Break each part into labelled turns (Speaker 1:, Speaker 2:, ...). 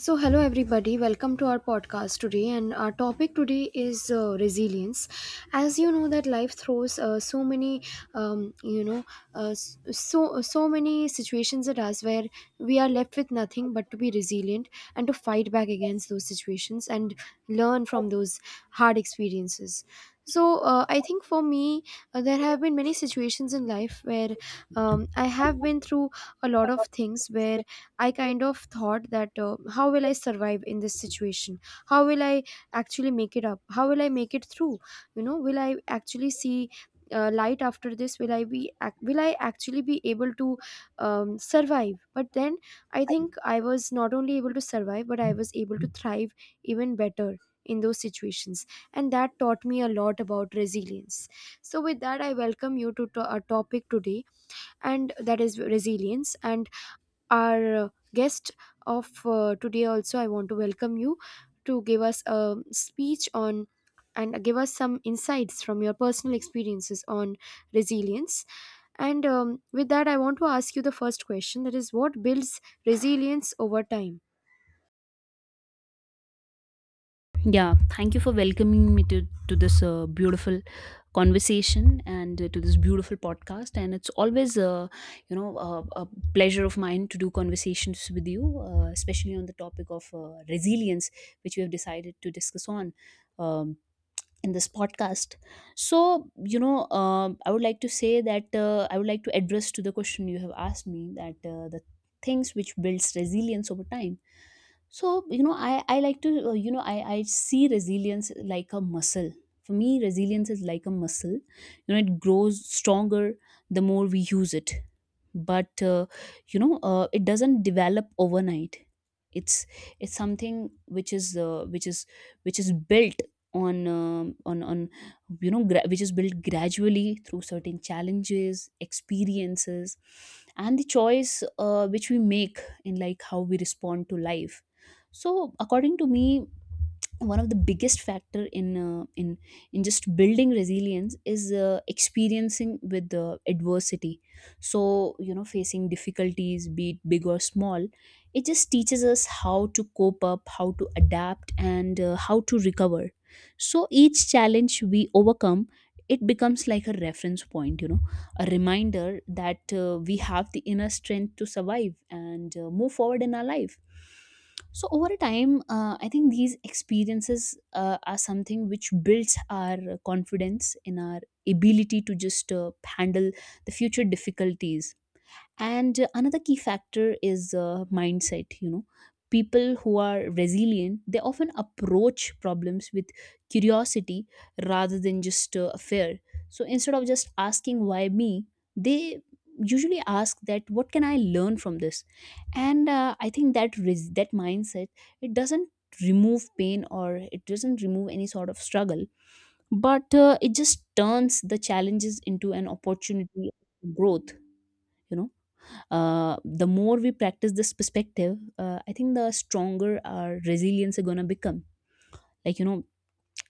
Speaker 1: So, hello everybody, welcome to our podcast today. And our topic today is resilience. As you know, that life throws so many, um, you know, so many situations at us where we are left with nothing but to be resilient and to fight back against those situations and learn from those hard experiences. So, I think for me, there have been many situations in life where I have been through a lot of things where I kind of thought that how will I survive in this situation? How will I actually make it up? How will I make it through? Will I actually see light after this? Will I actually be able to survive? But then I think I was not only able to survive, but I was able to thrive even better in those situations, and that taught me a lot about resilience. So with that, I welcome you to a topic today, and that is resilience, and our guest of today. Also, I want to welcome you to give us a speech on and give us some insights from your personal experiences on resilience. And with that, I want to ask you the first question, that is, what builds resilience over time?
Speaker 2: Yeah, thank you for welcoming me to this beautiful conversation and to this beautiful podcast. And it's always, a pleasure of mine to do conversations with you, especially on the topic of resilience, which we have decided to discuss on um, in this podcast. So, you know, I would like to say that I would like to address to the question you have asked me that the things which builds resilience over time. So you know, I like to, you know I see resilience like a muscle. For me, resilience is like a muscle, you know. It grows stronger the more we use it. But it doesn't develop overnight. it's it's something which is which is, which is built on on, which is built gradually through certain challenges, experiences, and the choice, which we make in like how we respond to life. So according to me, one of the biggest factor in in just building resilience is experiencing with the adversity. So you know, facing difficulties, be it big or small, it just teaches us how to cope up, how to adapt, and how to recover. So each challenge we overcome, it becomes like a reference point, you know, a reminder that we have the inner strength to survive and move forward in our life. So over a time I think these experiences are something which builds our confidence in our ability to just handle the future difficulties. And another key factor is mindset, you know. People who are resilient, they often approach problems with curiosity rather than just fear. So instead of just asking why me, they usually ask that what can I learn from this. And I think that mindset, it doesn't remove pain, or it doesn't remove any sort of struggle, but it just turns the challenges into an opportunity for growth, you know. The more we practice this perspective, I think the stronger our resilience are gonna become. Like you know,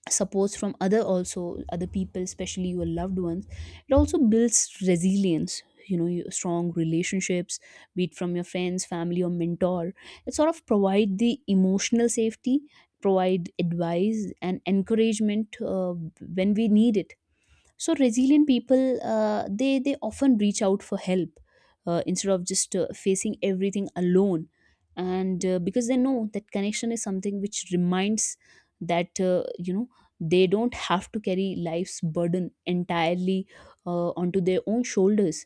Speaker 2: supports from other people, especially your loved ones. It also builds resilience. You know, your strong relationships, be it from your friends, family, or mentor. It sort of provide the emotional safety, provide advice and encouragement when we need it. So resilient people, they often reach out for help instead of just facing everything alone. And because they know that connection is something which reminds that you know, they don't have to carry life's burden entirely onto their own shoulders.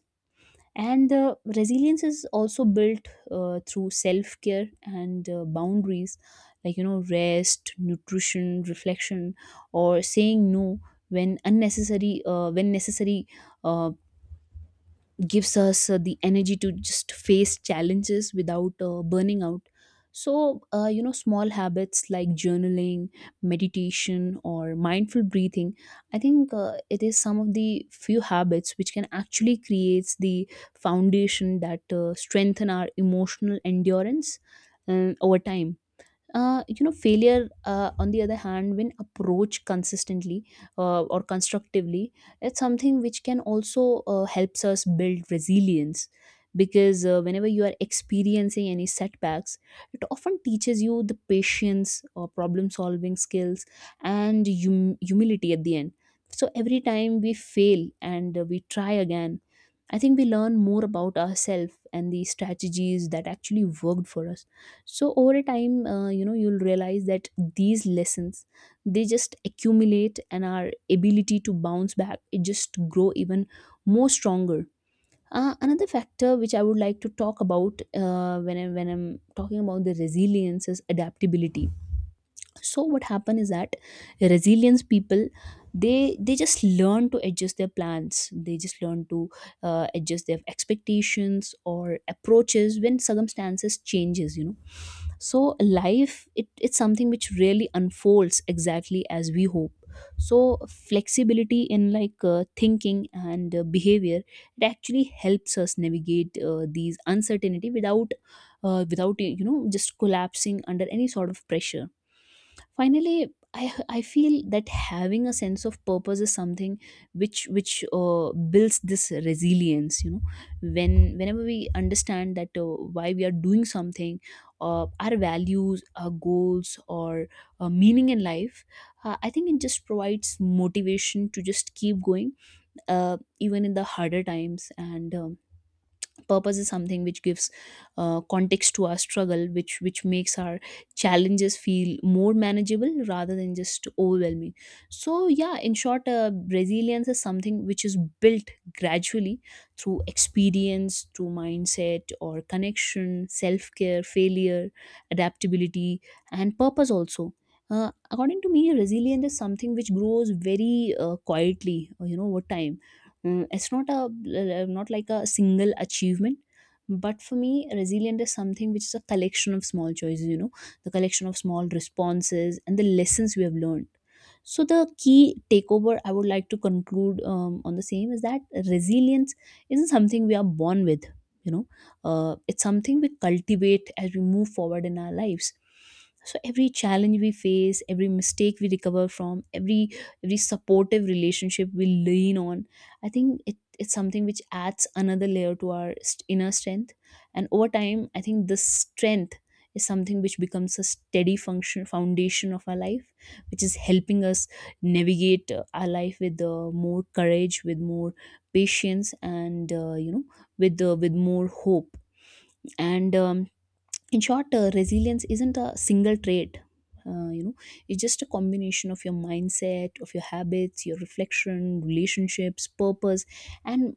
Speaker 2: And resilience is also built through self care and boundaries. Like you know, rest, nutrition, reflection, or saying no when necessary, uh, gives us the energy to just face challenges without burning out. So you know, small habits like journaling, meditation, or mindful breathing, I think it is some of the few habits which can actually creates the foundation that strengthen our emotional endurance over time. You know, failure on the other hand, when approached consistently or constructively, it's something which can also helps us build resilience. Because whenever you are experiencing any setbacks, it often teaches you the patience or problem solving skills and humility at the end. So every time we fail and we try again, I think we learn more about ourselves and the strategies that actually worked for us. So over a time you know, you'll realize that these lessons, they just accumulate, and our ability to bounce back, it just grow even more stronger. Another factor which I would like to talk about, when I'm talking about the resilience, is adaptability. So what happened is that resilience people, they just learn to adjust their plans, they just learn to adjust their expectations or approaches when circumstances changes, you know. So life it's something which really unfolds exactly as we hope. So flexibility in like thinking and behavior, it actually helps us navigate these uncertainty without without you know, just collapsing under any sort of pressure. Finally, I feel that having a sense of purpose is something which builds this resilience, you know. When, whenever we understand that why we are doing something, our values, our goals, or meaning in life, I think it just provides motivation to just keep going even in the harder times. And purpose is something which gives context to our struggle, which makes our challenges feel more manageable rather than just overwhelming. So yeah, in short, resilience is something which is built gradually through experience, through mindset, or connection, self care, failure, adaptability, and purpose also. According to me, resilience is something which grows very quietly, you know, over time. Mm, it's not a not like a single achievement, but for me, resilient is something which is a collection of small choices, you know, the collection of small responses and the lessons we have learned. So the key takeover I would like to conclude on the same is that resilience isn't something we are born with, you know. It's something we cultivate as we move forward in our lives. So every challenge we face, every mistake we recover from, every supportive relationship we lean on, I think it's something which adds another layer to our inner strength. And over time, I think this strength is something which becomes a steady function foundation of our life, which is helping us navigate our life with more courage, with more patience, and you know, with more hope. And in short, resilience isn't a single trait, you know. It's just a combination of your mindset, of your habits, your reflection, relationships, purpose, and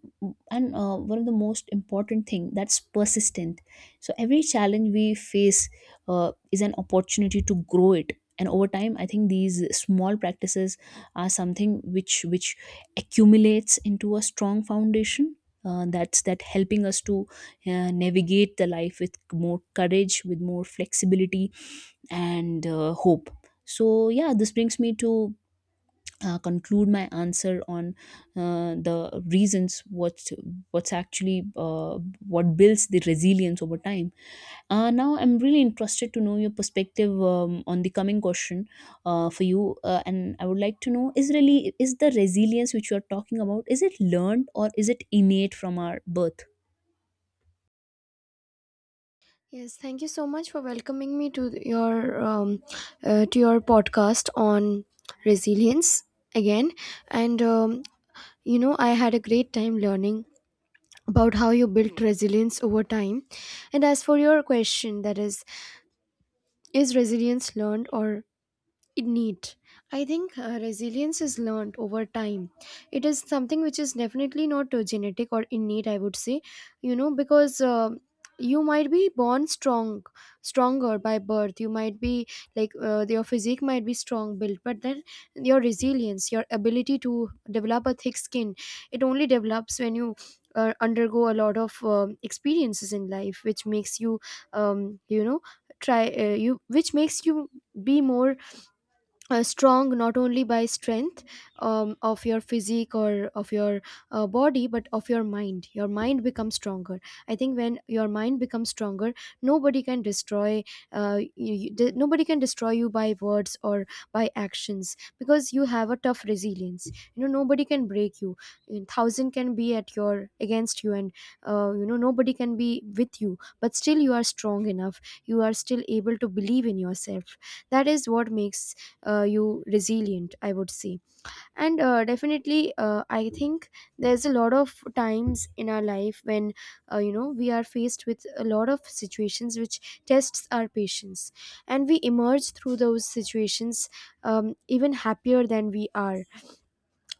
Speaker 2: and one of the most important thing, that's persistent. So every challenge we face is an opportunity to grow it, and over time I think these small practices are something which accumulates into a strong foundation that helping us to navigate the life with more courage, with more flexibility, and hope. So yeah, this brings me to conclude my answer on the reasons what what's actually what builds the resilience over time. Now, I'm really interested to know your perspective on the coming question for you, and I would like to know, is the resilience which you are talking about, is it learned or is it innate from our birth?
Speaker 1: Yes, thank you so much for welcoming me to your podcast on resilience again. And you know, I had a great time learning about how you built resilience over time. And as for your question, that is resilience learned or it neat? I think resilience is learned over time. It is something which is definitely not genetic or innate, I would say, you know, because you might be born strong, stronger by birth. You might be like your physique might be strong built, but then your resilience, your ability to develop a thick skin, it only develops when you. Undergo a lot of experiences in life which makes you you know try you which makes you be more strong, not only by strength of your physique or of your body, but of your mind. Your mind becomes stronger. I think when your mind becomes stronger, nobody can destroy nobody can destroy you by words or by actions, because you have a tough resilience. You know, nobody can break you. You thousand can be at your against you, and you know, nobody can be with you, but still you are strong enough, you are still able to believe in yourself. That is what makes you resilient, I would say. And definitely, I think there's a lot of times in our life when you know, we are faced with a lot of situations which tests our patience, and we emerge through those situations even happier than we are,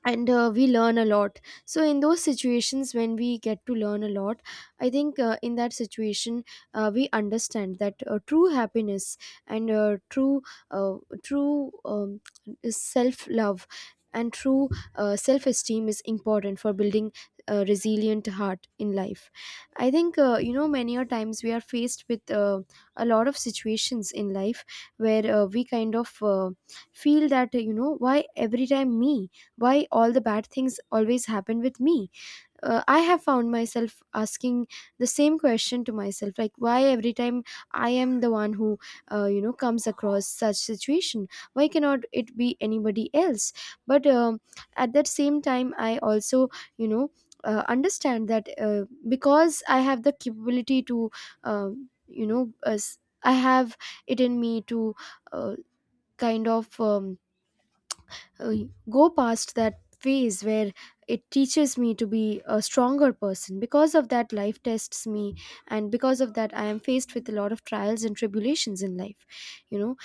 Speaker 1: and we learn a lot. So in those situations when we get to learn a lot, I think in that situation, we understand that true happiness and uh, true self love and true self esteem is important for building a resilient heart in life. I think you know, many a times we are faced with a lot of situations in life where we kind of feel that, you know, why every time me, why all the bad things always happen with me. I have found myself asking the same question to myself, like why every time I am the one who you know, comes across such situation, why cannot it be anybody else? But at that same time, I also, you know, understand that because I have the capability to I have it in me to uh, kind of um, uh, go past that phase, where it teaches me to be a stronger person. Because of that, life tests me, and because of that, I am faced with a lot of trials and tribulations in life. You know,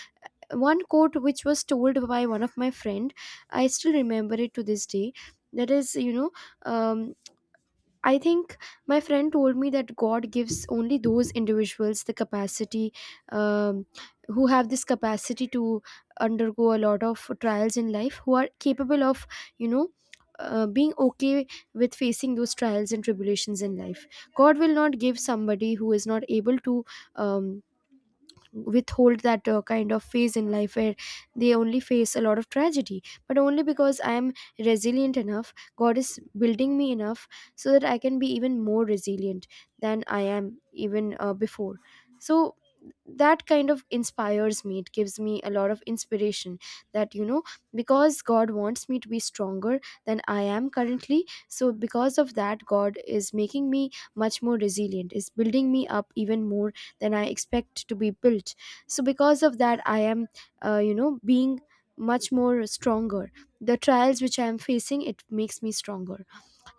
Speaker 1: one quote which was told by one of my friend, I still remember it to this day, that is, you know, um, I think my friend told me that God gives only those individuals the capacity, um, who have this capacity to undergo a lot of trials in life, who are capable of, you know, being okay with facing those trials and tribulations in life. God will not give somebody who is not able to um, withhold that kind of phase in life where they only face a lot of tragedy. But only because I am resilient enough, God is building me enough so that I can be even more resilient than I am even before. So that kind of inspires me, it gives me a lot of inspiration, that, you know, because God wants me to be stronger than I am currently, so because of that, God is making me much more resilient, is building me up even more than I expect to be built. So because of that, I am you know, being much more stronger. The trials which I am facing, it makes me stronger.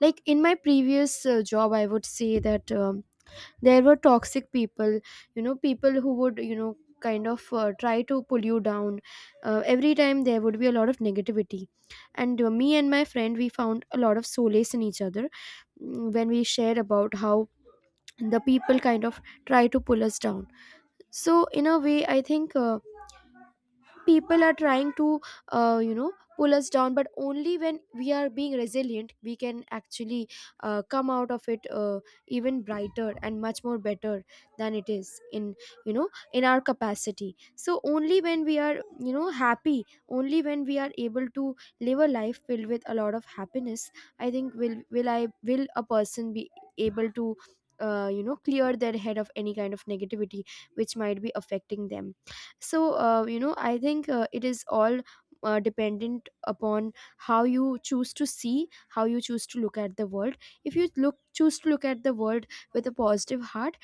Speaker 1: Like in my previous job, I would say that there were toxic people, you know, people who would, you know, kind of try to pull you down. Every time there would be a lot of negativity, and me and my friend, we found a lot of solace in each other. Mm, when we shared about how the people kind of try to pull us down. So in a way, I think people are trying to you know, pull us down, but only when we are being resilient, we can actually come out of it even brighter and much more better than it is in, you know, in our capacity. So only when we are, you know, happy, only when we are able to live a life filled with a lot of happiness, I think will I will a person be able to you know, clear their head of any kind of negativity which might be affecting them. So you know, I think it is all dependent upon how you choose to see, how you choose to look at the world. If you look choose to look at the world with a positive heart,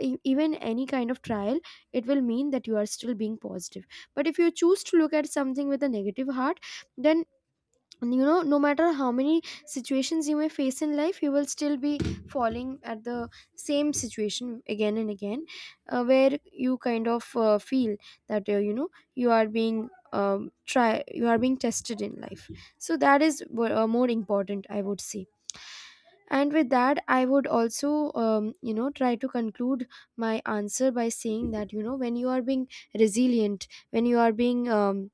Speaker 1: even any kind of trial, it will mean that you are still being positive. But if you choose to look at something with a negative heart, then, and you know, no matter how many situations you may face in life, you will still be falling at the same situation again and again, where you kind of feel that you know, you are being try you are being tested in life. So that is more important, I would say. And with that, I would also, you know, try to conclude my answer by saying that, you know, when you are being resilient, when you are being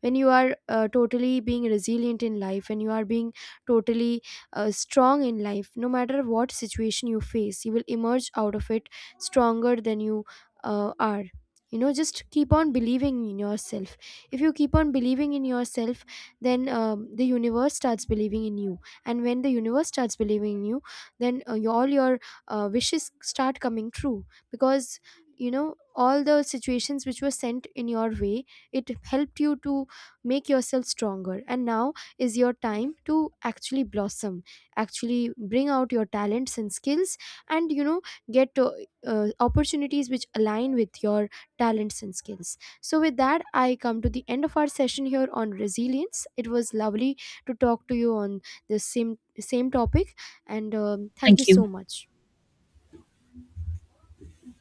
Speaker 1: when you are totally being resilient in life, when you are being totally strong in life, no matter what situation you face, you will emerge out of it stronger than you are. You know, just keep on believing in yourself. If you keep on believing in yourself, then the universe starts believing in you, and when the universe starts believing in you, then all your wishes start coming true, because, you know, all the situations which were sent in your way, it helped you to make yourself stronger, and now is your time to actually blossom, actually bring out your talents and skills, and, you know, get opportunities which align with your talents and skills. So with that, I come to the end of our session here on resilience. It was lovely to talk to you on this same topic. And thank you
Speaker 2: Thank you.
Speaker 1: so much.